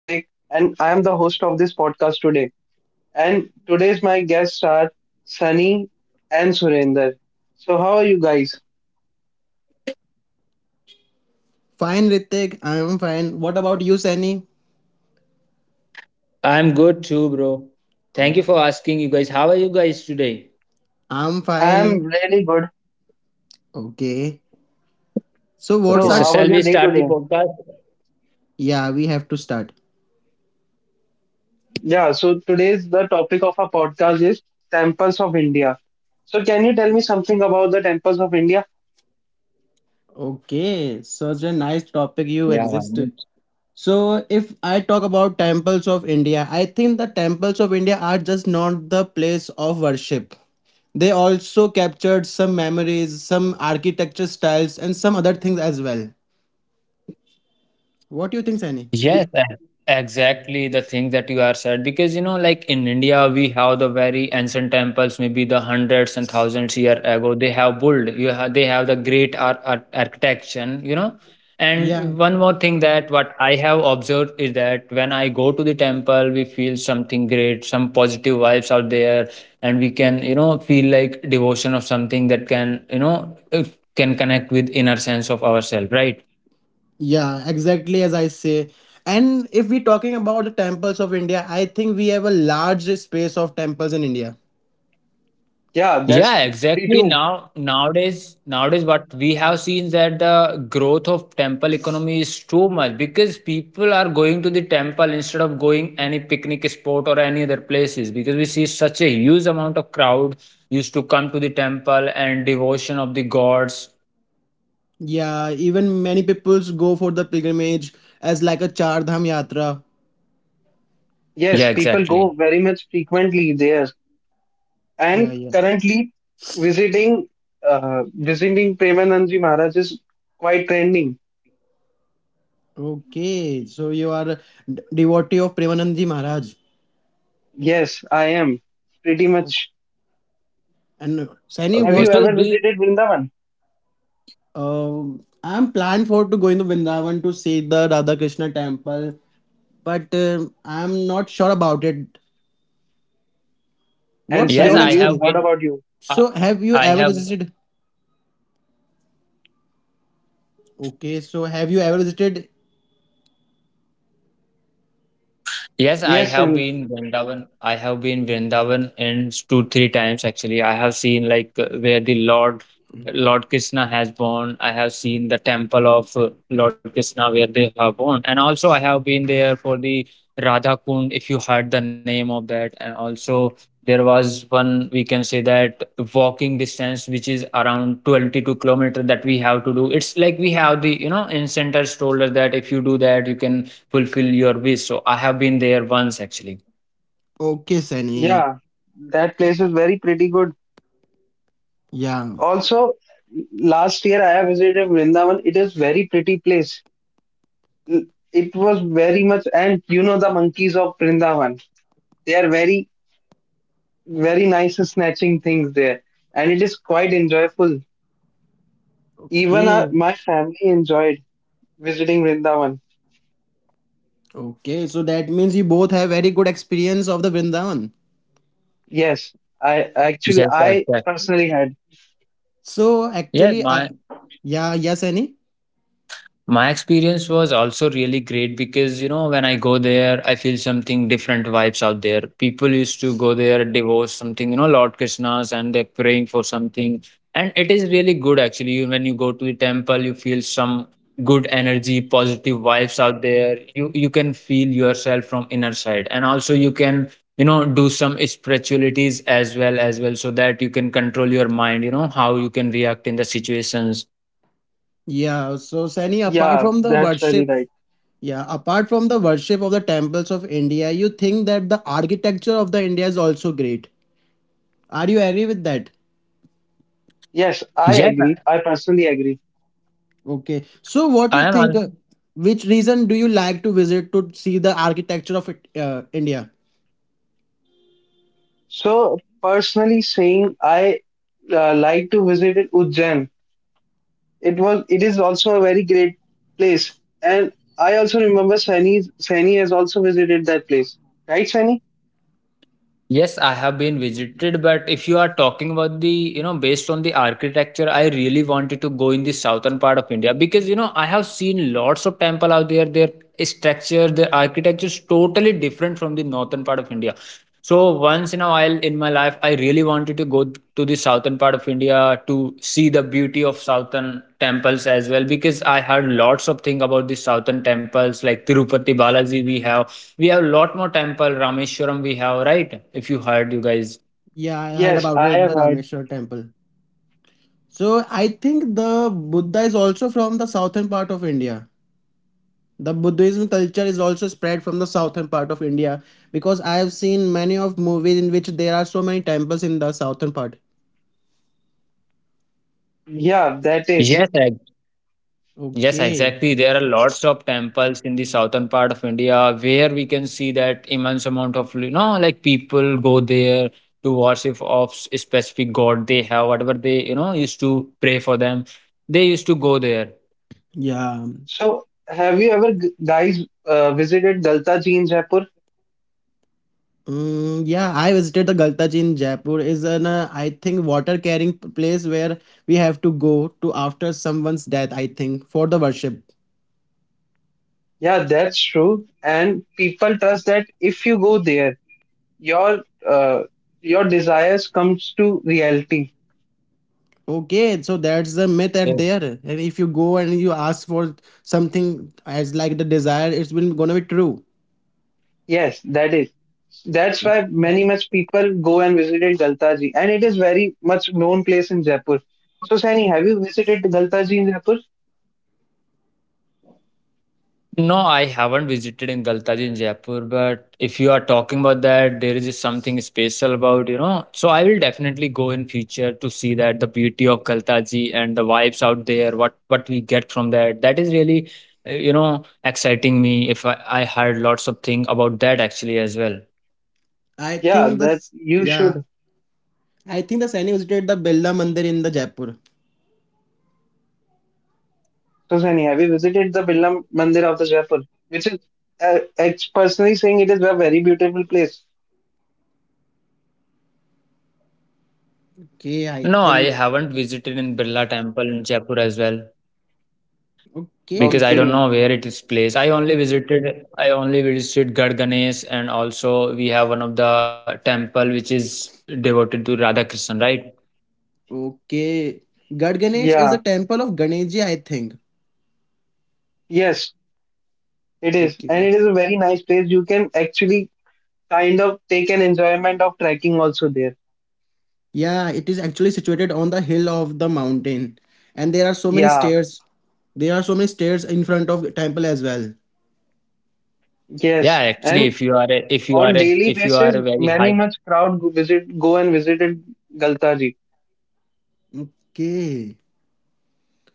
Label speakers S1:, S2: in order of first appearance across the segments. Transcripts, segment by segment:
S1: and I am the host of this podcast today. And today's my guests are Sunny and Surinder. So how are you guys?
S2: Fine, Ritik. I'm fine. What about you, Sani?
S3: I'm good too, bro. Thank you
S2: Okay.
S3: for asking you guys. How are you guys today?
S2: I'm
S1: I am
S2: fine.
S1: really good.
S2: Okay. So,
S3: Okay,
S2: what's
S1: So
S3: so
S2: our.
S1: how
S3: shall
S1: was your
S3: we
S1: day
S3: start the
S1: today?
S3: podcast?
S2: Yeah, we have to start.
S1: Yeah, so today's the topic of our podcast is temples of India. So can you tell me something about the temples of India?
S2: Okay. Such a nice topic you exist. So, if I talk about temples of India, I think the temples of India are just not the place of worship. They also captured some memories, some architecture styles, and some other things as well. What do you think, Sani?
S1: Ye-
S3: Yes, e- exactly the thing that you are said because you know, like in India, we have the very ancient temples, maybe the hundreds and thousands year ago. They have built, they have the great art, architecture, you know.
S2: Yeah.
S3: And one more thing that what I have observed is that when I go to the temple, we feel something great, some positive vibes out there, and we can, you know, feel like devotion of something that can, can connect with inner sense of ourselves, right?
S2: Yeah, exactly as I say. And if we're talking about the temples of India, I think we have a large space of temples in India.
S1: Yeah,
S3: Yeah,
S1: that's pretty
S3: exactly.
S1: too.
S3: Nowadays, what we have seen that the growth of temple economy is too much because people are going to the temple instead of going any picnic spot or any other places because we see such a huge amount of crowd used to come to the temple and devotion of the gods.
S2: Yeah, even many peoples go for the pilgrimage as like a Char Dham Yatra.
S3: Yeah,
S1: Yes, people go
S3: exactly.
S1: very much frequently there.
S2: Yeah,
S1: And
S2: yeah.
S1: currently visiting visiting Premanandji Maharaj is quite trending.
S2: Okay, so you are a devotee of Premanandji Maharaj.
S1: Yes, I am pretty
S2: Okay.
S1: much.
S2: And Saini,
S1: Have
S3: Okay,
S1: you
S2: what?
S3: so
S1: ever
S3: do you,
S1: visited Vrindavan?
S2: I'm planned for to go into Vrindavan to see the Radha Krishna temple, but I'm not sure about it.
S1: And
S2: What's
S3: yes,
S2: your
S1: Sunny,
S3: I
S1: you?
S3: have
S2: experience?
S1: What
S3: been.
S1: about you?
S3: Uh,
S2: So have you
S3: I
S2: ever
S3: have.
S2: visited? Okay, so have you ever visited?
S3: Yes, I
S1: Yes,
S3: have
S1: Sunny.
S3: been Vrindavan. I have been Vrindavan and two, three times actually. I have seen like where the Lord Krishna has born. I have seen the temple of Lord Krishna where they have born. And also I have been there for the Radha Kund, if you heard the name of that. And also there was one we can say that walking distance which is around 22 kilometer that we have to do. It's like we have the you know in center told us that if you do that you can fulfill your wish. So I have been there once actually.
S2: Okay, Sunny.
S1: Yeah, that place is very pretty good.
S2: Yeah.
S1: Also, last year I have visited Vrindavan. It is very pretty place. It was very much, and you know the monkeys of Vrindavan. They are very, very nice snatching things there, and it is quite enjoyable. Even our,
S2: Okay.
S1: my family enjoyed visiting Vrindavan.
S2: Okay, so that means you both have very good experience of the Vrindavan.
S1: Yes, I
S3: Yes,
S1: actually, I
S3: exactly.
S1: personally had.
S2: So
S3: Yes,
S2: actually,
S3: my
S2: yeah, yes, Sunny.
S3: My experience was also really great because, you know, when I go there, I feel something different vibes out there. People used to go there, divorce something, you know, Lord Krishna's, and they're praying for something. And it is really good actually. You- When you go to the temple, you feel some good energy, positive vibes out there. You can feel yourself from inner side. And also you can, you know, do some spiritualities as well so that you can control your mind, you know, how you can react in the situations.
S2: Yeah, so Sunny, apart
S1: Yeah,
S2: from the
S1: that's very
S2: worship,
S1: right.
S2: yeah, apart from the worship of the temples of India, you think that the architecture of the India is also great. Are you agree with that?
S1: Yes, I
S3: Yeah,
S1: agree. I personally agree.
S2: Okay. So what do
S3: I
S2: you think
S3: am
S2: which reason do you like to visit to see the architecture of it, India?
S1: So, personally saying, I like to visit it, Ujjain. It is also a very great place. And I also remember Sani, Sani has also visited that place. Right, Sani?
S3: Yes, I have been visited, but if you are talking about the, you know, based on the architecture, I really wanted to go in the southern part of India because, you know, I have seen lots of temple out there. Their structure, their architecture is totally different from the northern part of India. So once in a while in my life, I really wanted to go to the southern part of India to see the beauty of southern temples as well because I heard lots of thing about the southern temples like Tirupati Balaji we have a lot more temple. Rameshwaram we have, right? If you heard, you guys.
S2: Yeah, I heard
S1: Yes,
S2: about
S1: I
S2: it,
S1: have
S2: the
S1: heard.
S2: Rameshwar temple. So I think the Buddha is also from the southern part of India. The Buddhism culture is also spread from the southern part of India because I have seen many of movies in which there are so many temples in the southern part.
S1: Yeah, that is.
S3: Yes, ex- yes,
S2: Okay.
S3: exactly. There are lots of temples in the southern part of India where we can see that immense amount of you know, like people go there to worship of specific god they have, whatever they you know used to pray for them. They used to go there.
S2: Yeah.
S1: So, have you ever guys visited Galtaji in Jaipur?
S2: Mm, yeah, I visited the Galta in Jaipur. Is an I think water carrying place where we have to go to after someone's death. I think for the worship.
S1: Yeah, that's true. And people trust that if you go there, your uh, your desires comes to reality.
S2: Okay, so that's the myth at there. And if you go and you ask for something as like the desire, it's been gonna be true.
S1: Yes, that is. That's why many much people go and visited Galtaji, and it is very much known place in Jaipur. So, Sani, have you visited Galtaji in Jaipur?
S3: No, I haven't visited in Galtaji in Jaipur, but if you are talking about that, there is something special about, you know. So I will definitely go in future to see that the beauty of Galtaji and the vibes out there, what we get from that. That is really, you know, exciting me. If I, I heard lots of things about that actually as well.
S2: I
S1: Yeah,
S2: think
S1: that
S2: this.
S1: you
S2: Yeah,
S1: should.
S2: I think the Saini visited the Birla Mandir in the Jaipur.
S1: So, Sani, have you visited the Birla Mandir of the Jaipur, which is personally saying it is a very beautiful place.
S2: Okay, I
S3: No, I
S2: think.
S3: haven't visited in Birla Temple in Jaipur as well. Because
S2: Okay,
S3: I don't
S2: so
S1: Okay.
S3: know where it is placed. I only visited Garh Ganesh and also we have one of the temple which is devoted to Radha Krishna, right?
S2: okay. Gad Ganesh is a
S1: Yeah.
S2: temple of Ganesh ji. I think.
S1: Yes, it is. And
S2: Okay.
S1: it is a very nice place. You can actually kind of take an enjoyment of trekking also there.
S2: Yeah, it is actually situated on the hill of the mountain, and there are so many
S1: Yeah.
S2: stairs. There are so many stairs in front of temple as well.
S3: Yeah,
S1: Yes.
S3: actually
S1: And on daily
S3: if you are
S1: basis,
S3: very
S1: many
S3: high.
S1: much crowd go and visited Galtaji.
S2: Okay.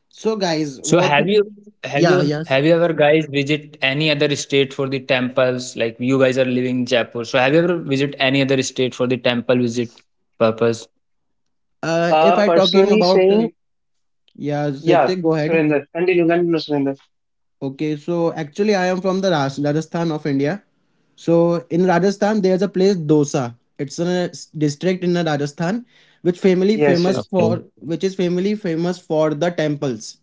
S2: So guys,
S3: So
S2: what?
S3: have you have
S2: Yeah,
S3: you
S2: yes.
S3: have you ever guys visit any other state for the temples? Like you guys are living in Jaipur. So have you ever visit any other state for the temple visit purpose?
S2: If I talking
S1: Personally
S2: about
S1: saying,
S2: yeah,
S1: yeah,
S2: Ritik, go ahead.
S1: Surrender. Continue, continue, Surrender.
S2: Okay, so actually I am from the Rajasthan of India. So in Rajasthan there's a place Dosa. It's in a district in Rajasthan,
S1: Yes, yes.
S3: Okay.
S2: which is family famous for the temples.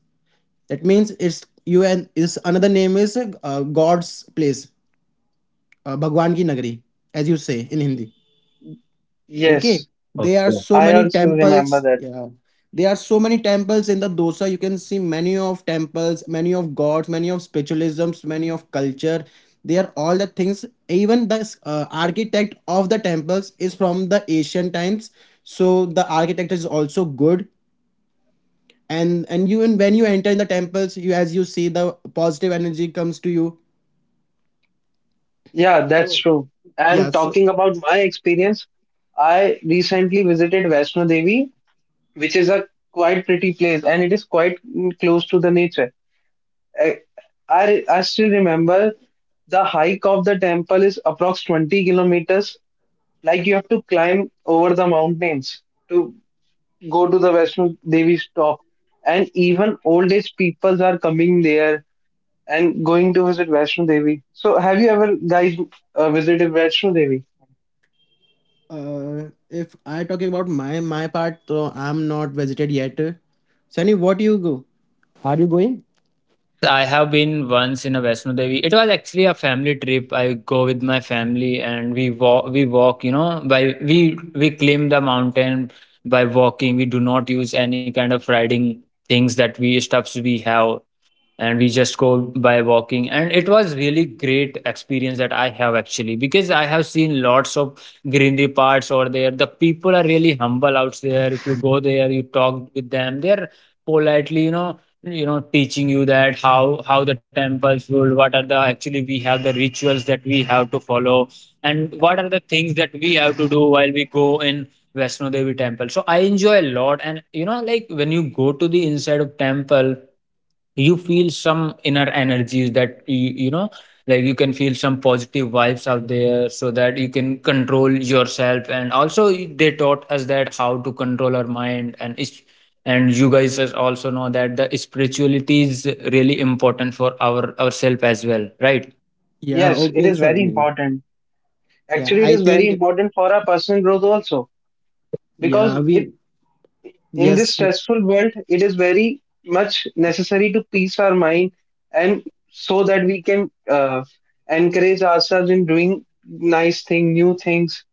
S2: That means it's you and is another name is God's place, Bhagwan ki nagari, as you say in Hindi. Okay,
S1: Yes.
S2: there are so
S1: I
S2: many
S1: also remember
S2: temples.
S1: that.
S2: Yeah, there are so many temples in the dosa. You can see many of temples, many of gods, many of spiritualisms, many of culture. They are all the things. Even the architect of the temples is from the Asian times, so the architect is also good and you and when you enter in the temples you as you see the positive energy comes to you
S1: Yeah, that's
S2: so
S1: true.
S2: yeah
S1: And
S2: so
S1: talking about my experience, I recently visited Vaishno Devi, which is a quite pretty place, and it is quite close to the nature. I, I still remember the hike of the temple is approx 20 kilometers. Like you have to climb over the mountains to go to the Vaishno Devi's top. And even old age peoples are coming there and going to visit Vaishno Devi. So have you ever guys visited Vaishno Devi?
S2: if I talking about my part so I'm not visited yet sunny what you go Me?
S3: I have been once in a Vaishno Devi. It was actually a family trip. I go with my family and we walk. We walk, you know, by we climb the mountain by walking. We do not use any kind of riding things that we stuffs we have and we just go by walking and it was really great experience that I have actually because I have seen lots of greenery parts over there. The people are really humble out there. If you go there you talk with them, they're politely, you know, you know teaching you that how the temples build, what are the actually we have the rituals that we have to follow and what are the things that we have to do while we go in Vaishno Devi temple. So I enjoy a lot, and you know like when you go to the inside of temple, you feel some inner energies that like you can feel some positive vibes out there so that you can control yourself. And also they taught us that how to control our mind and is and you guys as also know that the spirituality is really important for our ourself as well, right?
S2: Yeah
S1: Yes, it
S2: okay
S1: is very
S2: sunny
S1: important.
S2: yeah
S1: Actually, it
S2: I
S1: is very
S2: think
S1: important for our personal growth also, because
S2: yeah
S1: it
S2: we
S1: in this
S2: yes
S1: stressful world, it is very much necessary to peace our mind, and so that we can encourage ourselves in doing nice thing, new things.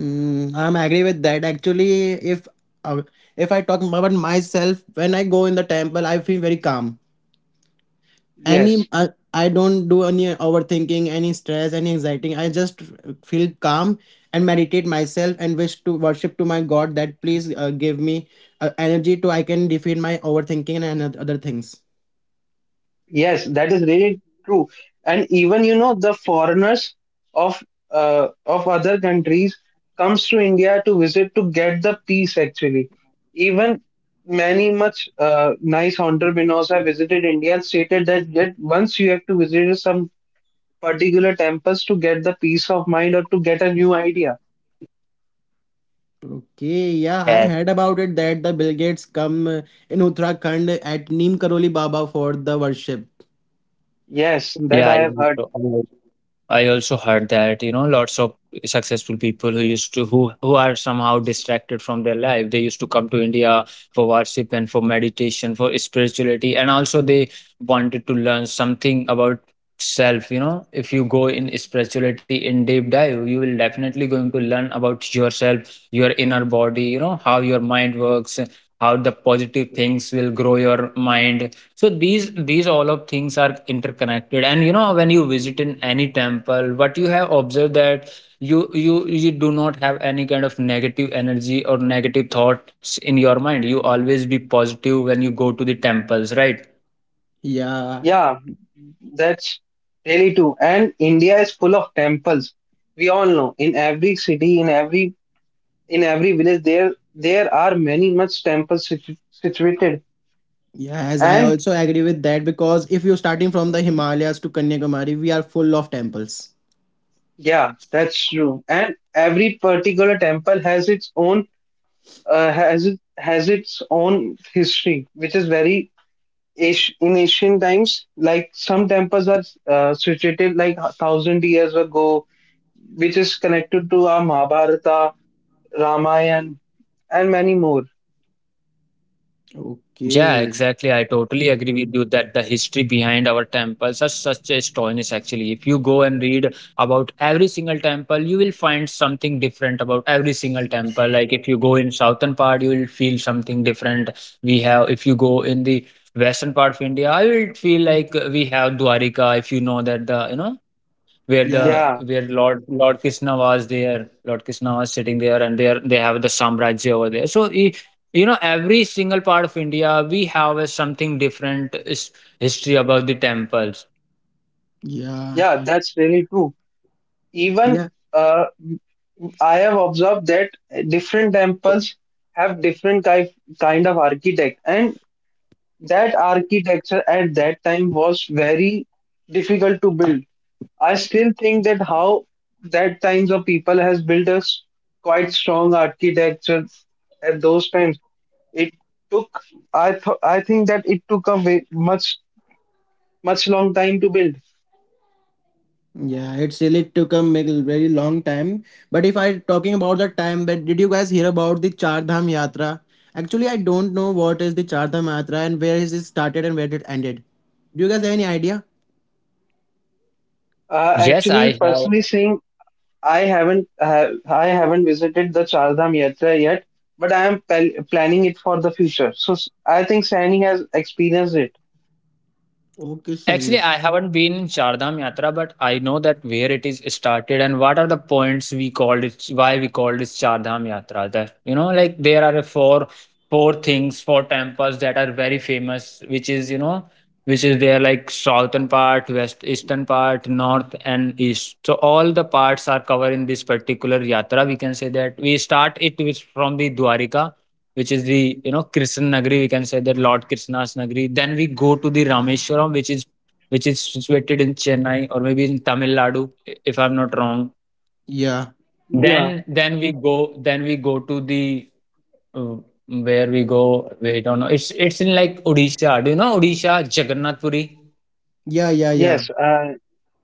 S2: mm, I'm agree with that actually uh, if I talk about myself when I go in the temple I feel very calm any
S1: Yes,
S2: I don't do any overthinking any stress any anxiety I just feel calm and meditate myself and wish to worship to my god that please give me energy to I can defeat my overthinking and other things
S1: yes, that is really true. And even you know the foreigners of other countries comes to India to visit to get the peace actually. Even many much nice entrepreneurs have visited India and stated that once you have to visit some particular temples to get the peace of mind or to get a new idea.
S2: okay yeah I
S3: Yes.
S2: heard about it that the bill gates come in uttarakhand at neem karoli baba for the worship
S1: Yes, that
S3: yeah
S1: I
S3: yeah.
S1: have heard.
S3: So I also heard that, you know, lots of successful people who used to who are somehow distracted from their life. They used to come to India for worship and for meditation, for spirituality, and also they wanted to learn something about self. You know, if you go in spirituality in deep dive, you will definitely going to learn about yourself, your inner body, you know, how your mind works, how the positive things will grow your mind. So these all of things are interconnected, and you know when you visit in any temple, what you have observed that you do not have any kind of negative energy or negative thoughts in your mind. You always be positive when you go to the temples, right?
S2: yeah
S1: Yeah, that's really true. And India is full of temples. We all know in every city, in every village, there are many much temples situated.
S2: yes I
S1: And
S2: also agree with that because if you're starting from the himalayas to kanyakumari we are full of temples
S1: yeah, that's true. And every particular temple has its own has it has its own history, which is in ancient times, like some temples are situated like 1,000 years ago, which is connected to our Mahabharata, Ramayana, and many more.
S3: Yeah,
S2: okay
S3: exactly. I totally agree with you that the history behind our temples are such a astonishing actually. If you go and read about every single temple, you will find something different about every single temple. Like if you go in southern part, you will feel something different. We have if you go in the western part of India, I will feel like we have Dwarika, if you know that the you know where
S2: yeah.
S3: the
S1: Yeah,
S3: where Lord Krishna was there. Lord Krishna was sitting there, and there they have the Samrajya over there. You know, every single part of India, we have a something different is history about the temples.
S2: Yeah,
S1: yeah, that's really true. Even
S2: yeah,
S1: uh, I have observed that different temples have different kind of architect, and that architecture at that time was very difficult to build. I still think that how that times of people has built a quite strong architecture at those times. It took I think that it took a way, much much long time to build.
S2: yeah. It's really took a very long time. But if I talking about the time, but did you guys hear about the Char Dham Yatra? Actually, I don't know what is the Char Dham Yatra and where is it started and where it ended. Do you guys have any idea?
S1: Uh,
S3: Yes, I
S1: actually,
S3: have.
S1: personally saying, I haven't visited the Chardham Yatra yet, but I am planning it for the future. So I think Sani has experienced it.
S2: Okay,
S3: Actually,
S2: Sunny.
S3: I haven't been in Chardham Yatra, but I know that where it is started and what are the points we called it, why we called it Chardham Yatra. That you know, like there are four things, four temples that are very famous, which is you know, which is there like southern part, west eastern part, north and east. So all the parts are covered in this particular yatra. We can say that we start it with from the Dwarika. Which is the you know Krishna Nagari, we can say that Lord Krishna's Nagari. Then we go to the Rameshwaram, which is situated in Chennai or maybe in Tamil Nadu, if I'm not wrong.
S2: Yeah,
S1: Yeah.
S3: Then then we go then we go to the uh, where we go. Wait, I don't know. It's in like Odisha. Do you know Odisha Jagannath Puri?
S2: yeah.
S1: Yes. Uh,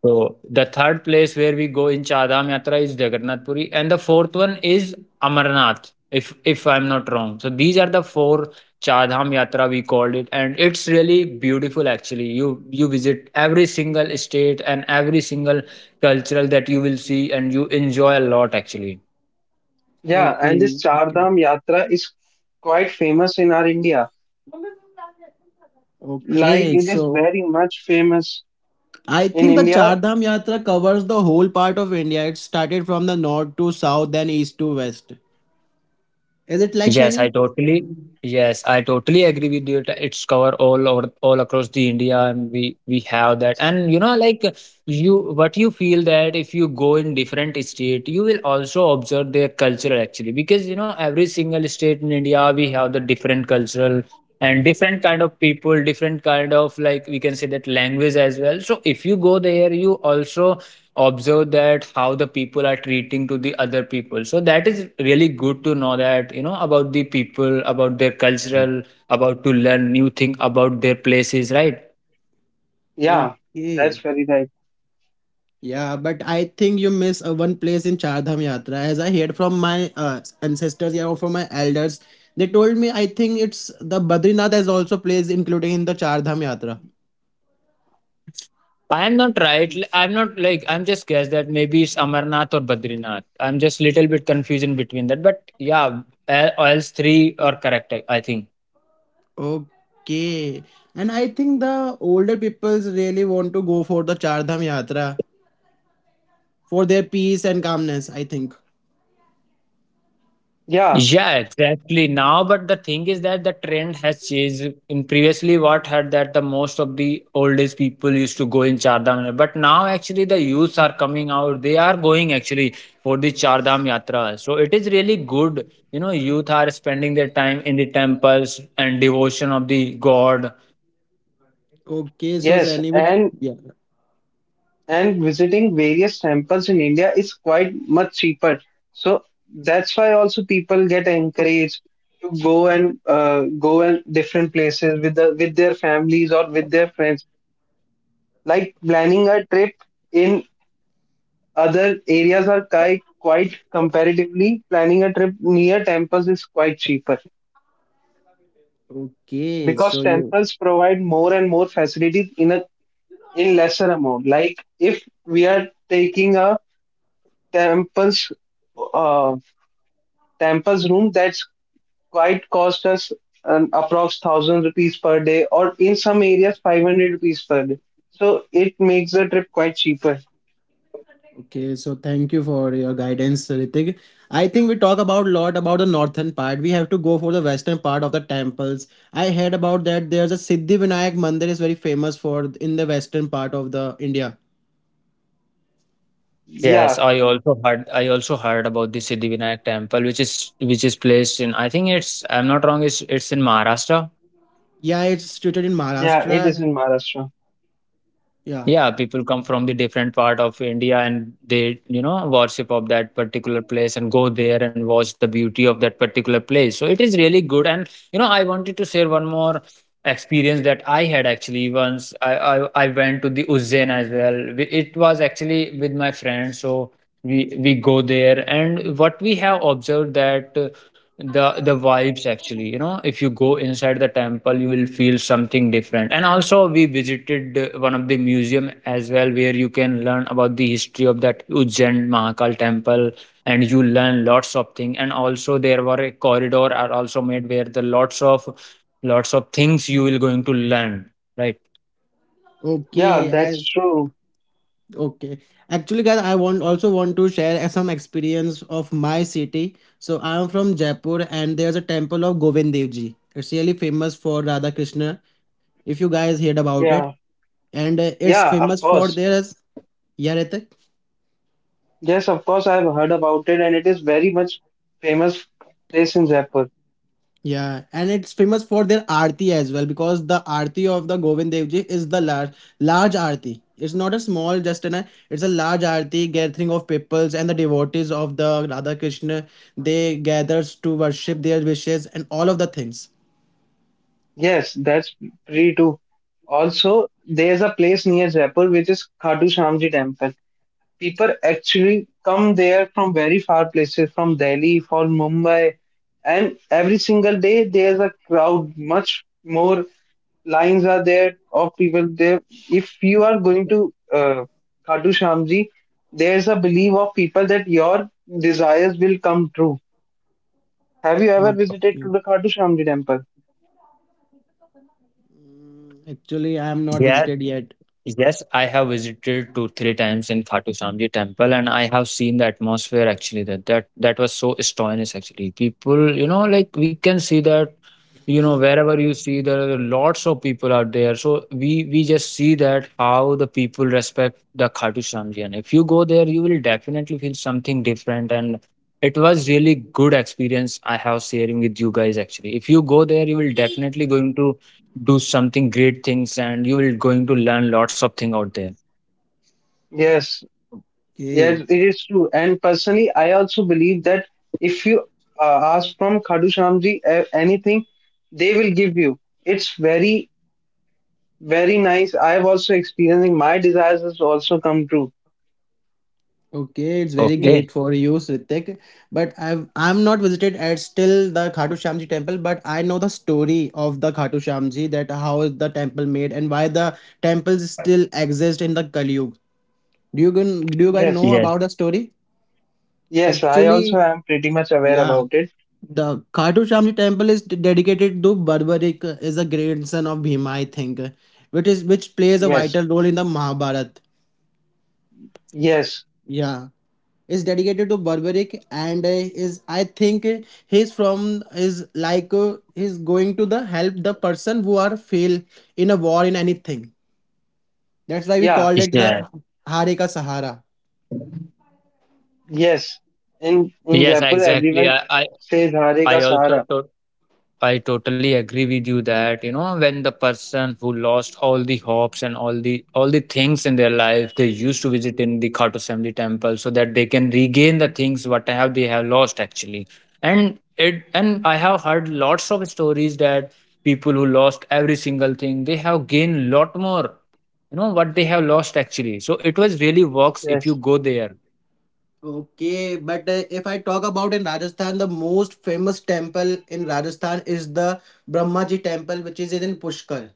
S3: So the third place where we go in Char Yatra is Jagannath Puri, and the fourth one is Amarnath, if I'm not wrong. So these are the four Char Yatra we called it, and it's really beautiful actually. You visit every single state and every single cultural that you will see, and you enjoy a lot actually.
S1: yeah. And this
S2: Okay, okay,
S1: Chardham Yatra is quite famous in our India. Like
S2: okay.
S1: it is
S2: So
S1: very much famous
S2: I
S1: in
S2: think the Char
S1: India.
S2: Dham Yatra covers the whole part of India. It started from the north to south, then east to west. Is it like
S3: Yes, I
S2: Sunny?
S3: totally yes, I totally agree with you. It- It's cover all over all across the India, and we have that. And you know, like you, what you feel that if you go in different state, you will also observe their culture actually, because you know every single state in India we have the different cultural and different kind of people, different kind of like we can say that language as well. So if you go there, you also observe that how the people are treating to the other people so that is really good to know that you know about the people about their cultural about to learn new thing about their places, right?
S1: Yeah, that's
S2: Okay.
S1: very right.
S2: Yeah, but I think you miss one place in Char Dham Yatra. As I heard from my ancestors yeah, or from my elders, they told me I think it's the Badrinath is also place including in the Char Dham Yatra.
S3: I am not right. I'm not like, I'm just guess that maybe it's Amarnath or Badrinath. I'm just little bit confused in between that, but yeah, all else three are correct, I think.
S2: Okay, and I think the older peoples really want to go for the Char Dham Yatra for their peace and calmness. I think.
S1: Yeah,
S3: Yeah, exactly. Now, but the thing is that the trend has changed. In previously, what had that the most of the old age people used to go in Chardham, but now actually the youths are coming out. They are going actually for the Chardham Yatra. So it is really good. You know, youth are spending their time in the temples and devotion of the God.
S2: Okay, so
S1: yes,
S2: Sani, with
S1: and
S2: yeah.
S1: and visiting various temples in India is quite much cheaper. So that's why also people get encouraged to go and different places with their families or with their friends. Like planning a trip in other areas are quite comparatively planning a trip near temples is quite cheaper.
S2: Okay,
S1: Because
S2: so you.
S1: temples provide more and more facilities in a in lesser amount, like if we are taking a temples uh, temples room, that's quite cost us an approx 1,000 rupees per day, or in some areas 500 rupees per day, so it makes the trip quite cheaper.
S2: Okay, so thank you for your guidance, Ritik. I think we talk about lot about the northern part. We have to go for the western part of the temples. I heard about that there's a Siddhi Vinayak Mandir is very famous for in the western part of the India.
S1: Yeah,
S3: Yes, I also heard. I also heard about the Siddhivinayak temple, which is placed in. I think it's. I'm not wrong. It's in Maharashtra.
S2: Yeah, it's situated in
S1: yeah, it is
S2: Maharashtra.
S1: in Maharashtra.
S2: Yeah.
S3: Yeah, people come from the different part of India and they, you know, worship of that particular place and go there and watch the beauty of that particular place. So it is really good. And you know, I wanted to share one more experience that I had actually once. I went to the Ujjain as well. It was actually with my friends. So we go there, and what we have observed that the vibes actually, you know, if you go inside the temple you will feel something different. And also we visited one of the museum as well where you can learn about the history of that Ujjain Mahakal temple and you learn lots of things. And also there were a corridor are also made where the lots of things you will going to learn, right?
S1: Yeah,
S2: Okay,
S1: that's
S2: as
S1: true.
S2: okay. Actually, guys, I want also want to share some experience of my city. So I am from Jaipur, and there's a temple of Govind Dev Ji. It's really famous for Radha Krishna. If you guys heard about it,
S1: Yeah,
S2: and it's
S1: yeah, of
S2: famous for
S1: course.
S2: their yeah, Ritik?
S1: Yes, of course I have heard about it, and it is very much famous place in Jaipur.
S2: Yeah, and it's famous for their aarti as well because the aarti of the Govind Dev Ji is the large aarti. It's not a small just an it's a large aarti gathering of peoples and the devotees of the Radha Krishna. They gathers to worship their wishes and all of the things.
S1: Yes, that's free too. Also, there's a place near Jaipur which is Khatu Shyamji Temple. People actually come there from very far places, from Delhi, from Mumbai, and every single day there's a crowd. Much more lines are there of people there. If you are going to Khatu Shyamji, there's a belief of people that your desires will come true. Have you ever visited
S2: Okay.
S1: to the Khatu Shyamji Temple?
S2: Mm, actually, I am not visited yet.
S3: Yes, I have visited two, three times in Khatu Shyamji temple and I have seen the atmosphere actually that that was so strenuous actually. People, you know, like we can see that, you know, wherever you see there are lots of people out there. So we just see that how the people respect the Khatu Shyamji. And if you go there, you will definitely feel something different. And it was really good experience I have sharing with you guys actually. If you go there, you will definitely going to do something great things and you will going to learn lots of thing out there.
S1: Yes, yes,
S2: Okay.
S1: it is true. And personally, I also believe that if you ask from Khadu Shamji anything, they will give you. It's very, very nice. I've also experiencing my desires has also come true.
S2: Okay, it's very
S1: Pe-
S3: Okay.
S2: great for you, Sritik. But I've I'm not visited at still the Khatu Shyamji temple, but I know the story of the Khatu Shyamji that how is the temple made and why the temples still exist in the Kali Yuga. Do you do you guys
S1: Yes,
S2: know
S3: Yes.
S2: about the story?
S1: yes, I also
S2: Actually,
S1: am pretty much aware
S2: yeah,
S1: about it.
S2: the Khatu Shyamji temple is dedicated to Barbarik, is a grandson of Bhima, I think, which is which plays a
S1: Yes,
S2: vital role in the Mahabharata.
S1: yes,
S2: Yeah. Is dedicated to Barbaric and is I think he's from is like he's going to the help the person who are fail in a war in anything. That's why we
S1: yeah,
S2: called it
S3: Yes.
S2: the Hare Ka Sahara.
S1: yes. In
S3: yes
S1: Jaipur,
S3: exactly
S1: everyone
S3: i i,
S1: says Hare
S3: I
S1: ka
S3: also
S1: Sahara.
S3: to- I totally agree with you that, you know, when the person who lost all the hopes and all the things in their life they used to visit in the Khatu Samedi temple so that they can regain the things what have they have lost actually. And it, and I have heard lots of stories that people who lost every single thing they have gained lot more, you know, what they have lost actually. So it was really works if you
S1: Yes.
S3: go there.
S2: Okay, but if I talk about in Rajasthan, the most famous temple in Rajasthan is the Brahmaji temple, which is in Pushkar,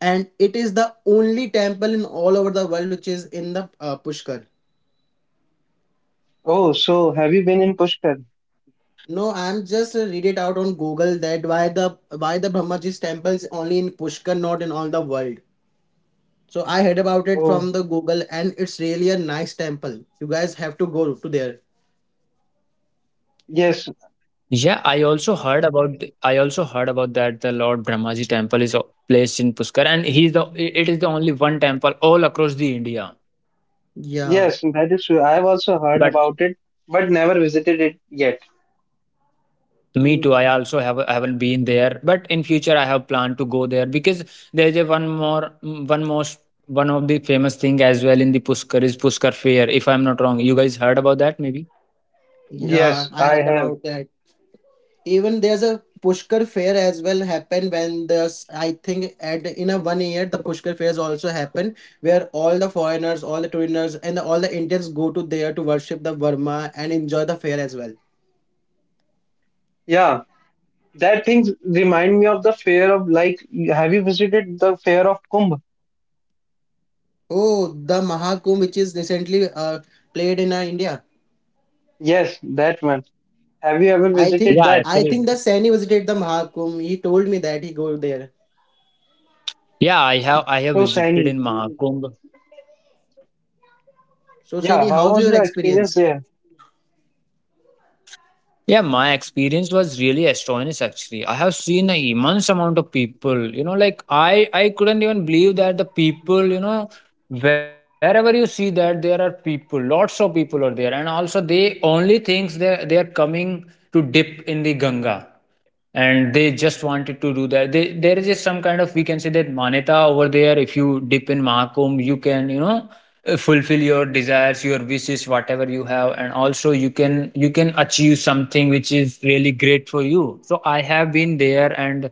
S2: and it is the only temple in all over the world which is in the Pushkar.
S1: Oh, so have you been in Pushkar?
S2: No, I'm just read it out on Google that why the Brahmaji's temples only in Pushkar, not in all the world. So I heard about it
S1: Oh,
S2: from the Google, and it's really a nice temple. You guys have to go to there.
S3: Yeah, I
S1: yes.
S3: also heard about I also heard about that the Lord Brahmaji temple is placed in Pushkar and he's the it is the only one temple all across the India.
S2: Yeah,
S1: Yes, that is true. I've
S3: But
S1: also heard about it, but never visited it yet.
S3: me too, I
S2: you.
S3: also have haven't been there, but in future I have planned to go there because there's a one more mm, one most one of the famous thing as well in the Pushkar is Pushkar Fair. If I'm not wrong, you guys heard about that maybe?
S2: Yeah,
S1: Yes,
S2: I
S1: I
S2: heard
S1: have.
S2: about that. Even there's a Pushkar fair as well happen when there's I think at in a one year the Pushkar fairs also happen where all the foreigners, all the tourists, and all the Indians go to there to worship the Verma and enjoy the fair as well.
S1: Yeah, that things remind me of the fair of, like, have you visited the fair of Kumbh?
S2: Oh, the Mahakumbh, which is recently played in India.
S1: Yes, that one. Have you ever
S2: I
S1: visited
S2: think
S3: Yeah,
S1: that?
S2: I think
S3: actually.
S2: that Sani visited the Mahakumbh. He told me that he go there.
S3: Yeah, I have
S1: So
S3: visited
S1: shiny.
S3: in Mahakumbh.
S2: So
S1: Yeah,
S2: Sani,
S1: how
S2: how's
S1: was
S2: your
S1: your experience
S2: experience?
S1: there?
S3: Yeah, my experience was really astonished actually. I have seen an immense amount of people, you know, like I couldn't even believe that the people, you know, wherever you see that there are people, lots of people are there. And also they only thinks they are coming to dip in the Ganga and they just wanted to do that. They, there is just some kind of we can say that maneta over there. If you dip in Mahakumbh you can, you know, fulfill your desires, your wishes, whatever you have. And also you can, you can achieve something which is really great for you. So I have been there, and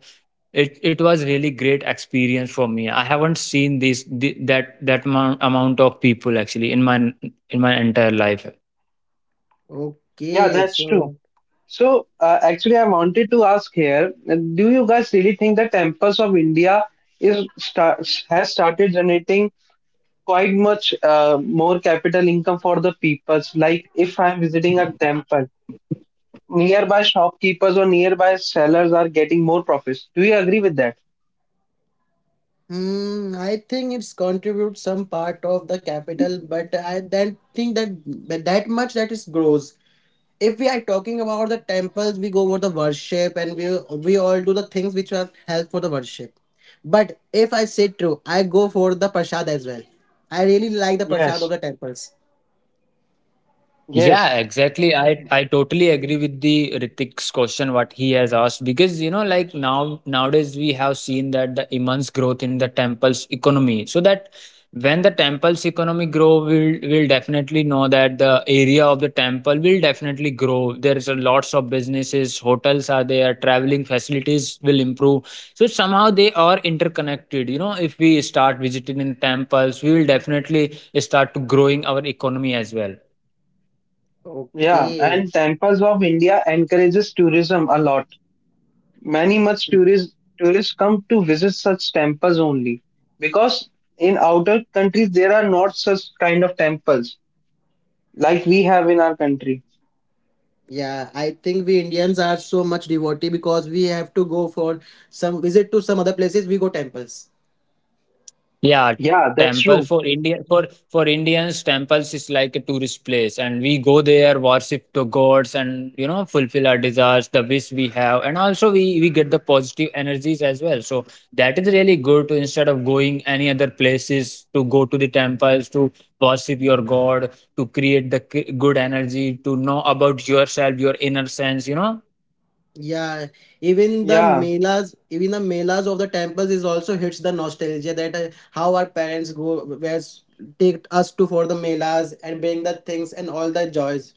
S3: it was really great experience for me. I haven't seen this the, that amount of people actually in my entire life.
S1: Yeah,
S2: Okay,
S1: that's true.
S2: so
S1: So actually, I wanted to ask here, do you guys really think the temples of India is has started generating quite much more capital income for the peoples. Like if I'm visiting a temple, nearby shopkeepers or nearby sellers are getting more profits. Do you agree with that?
S2: hmm, I think it's contributes some part of the capital, but I don't think that but that much that is grows. If we are talking about the temples we go over the worship and we all do the things which are help for the worship but if I say true I go for the prashad as well I really like the prashad
S1: Yes.
S2: of the temples
S3: Yeah,
S1: Yes.
S3: exactly. I totally agree with the Ritik's question what he has asked, because you know, like, now nowadays we have seen that the immense growth in the temple's economy. So that when the temple's economy grow, we'll will definitely know that the area of the temple will definitely grow. There's a lots of businesses, hotels are there, traveling facilities will improve. So somehow they are interconnected. You know, if we start visiting in temples, we will definitely start to growing our economy as well.
S1: Yeah.
S2: okay
S1: And temples of India encourages tourism a lot. Many much tourists come to visit such temples only because in outer countries there are not such kind of temples like we have in our country.
S2: yeah I think we indians are so much devotee because we have to go for some visit to some other places we go temples.
S3: Yeah,
S1: Yeah, that's
S3: temple
S1: true.
S3: for Indian for Indians, temples is like a tourist place, and we go there, worship the gods, and you know, fulfill our desires, the wish we have, and also we get the positive energies as well. So that is really good to instead of going any other places to go to the temples to worship your god, to create the good energy, to know about yourself, your inner sense, you know.
S2: Yeah,
S1: Yeah.
S2: even the melas of the temples is also hits the nostalgia that how our parents go where's take us to for the melas and bring the things and all the joys.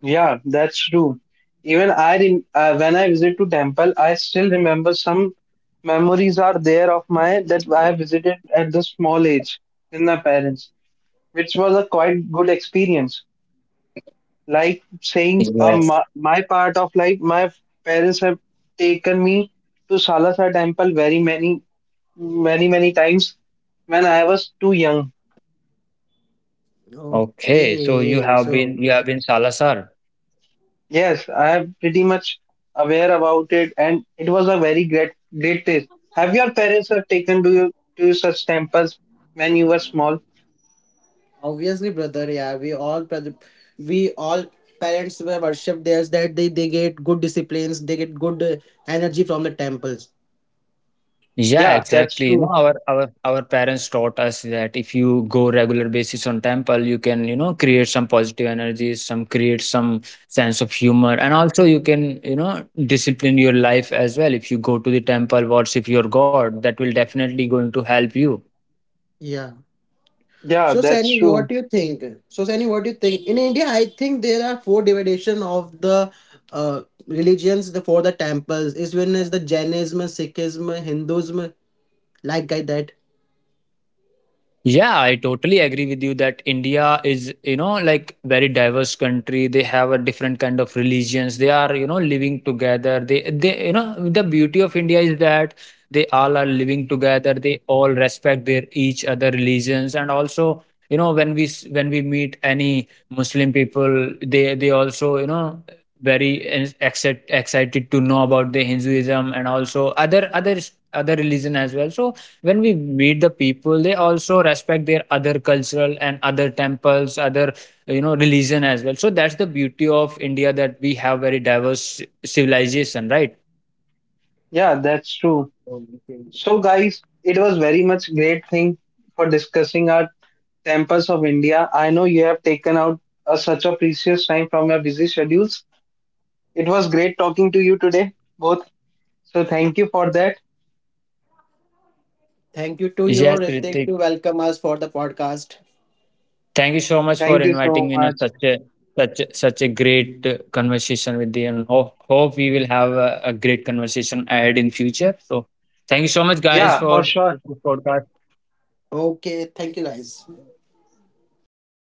S1: Yeah, that's true. Even when I visit to temple, I still remember some memories are there of my that I visited at the small age with my parents, which was a quite good experience. Like saying,
S3: Yes.
S1: my part of life, my parents have taken me to Salasa temple very many, many, many times when I was too young.
S3: Okay, so you
S2: Okay,
S3: have
S2: so
S3: been, you have been Salasar.
S1: Yes, I am pretty much aware about it, and it was a very great taste. Have your parents have taken to you to such temples when you were small?
S2: obviously, brother, yeah, we all brother, we all parents were worship theirs that they get good disciplines, they get good energy from the temples.
S3: Yeah,
S1: Yeah, that's
S3: exactly. You
S1: true.
S3: know, our parents taught us that if you go regular basis on temple, you can, you know, create some positive energies, some create some sense of humor, and also you can, you know, discipline your life as well. If you go to the temple, worship your God, that will definitely going to help you.
S2: Yeah.
S1: Yeah, that's true.
S2: So, Sani, what do you think? In India, I think there are four division of the religions the, for the temples. Is one is the Jainism, Sikhism, Hinduism, like guy that.
S3: Yeah, I totally agree with you that India is, you know, like very diverse country. They have a different kind of religions. They are, you know, living together. They, you know, the beauty of India is that they all are living together. They all respect their each other religions. And also, you know, when when we meet any Muslim people, they also, you know, very excited to know about the Hinduism and also other religion as well. So when we meet the people they also respect their other cultural and other temples, other, you know, religion as well. So that's the beauty of India, that we have very diverse civilization, right?
S1: Yeah, that's true.
S2: Okay.
S1: So, guys, it was very much great thing for discussing our temples of India. I know you have taken out such a precious time from your busy schedules. It was great talking to you today, both. So, thank you for that.
S2: Thank you to
S3: Yes,
S2: your Ritik
S3: Ritik,
S2: to welcome us for the podcast.
S3: thank you so much for
S1: Thank you
S3: inviting
S1: so
S3: me in
S1: much.
S3: such a such a great conversation with you. And hope we will have a great conversation ahead in future. So thank you so much
S2: Yeah.
S3: guys
S1: Yeah, for
S3: for
S1: sure.
S3: this podcast.
S2: Okay. Thank you, guys.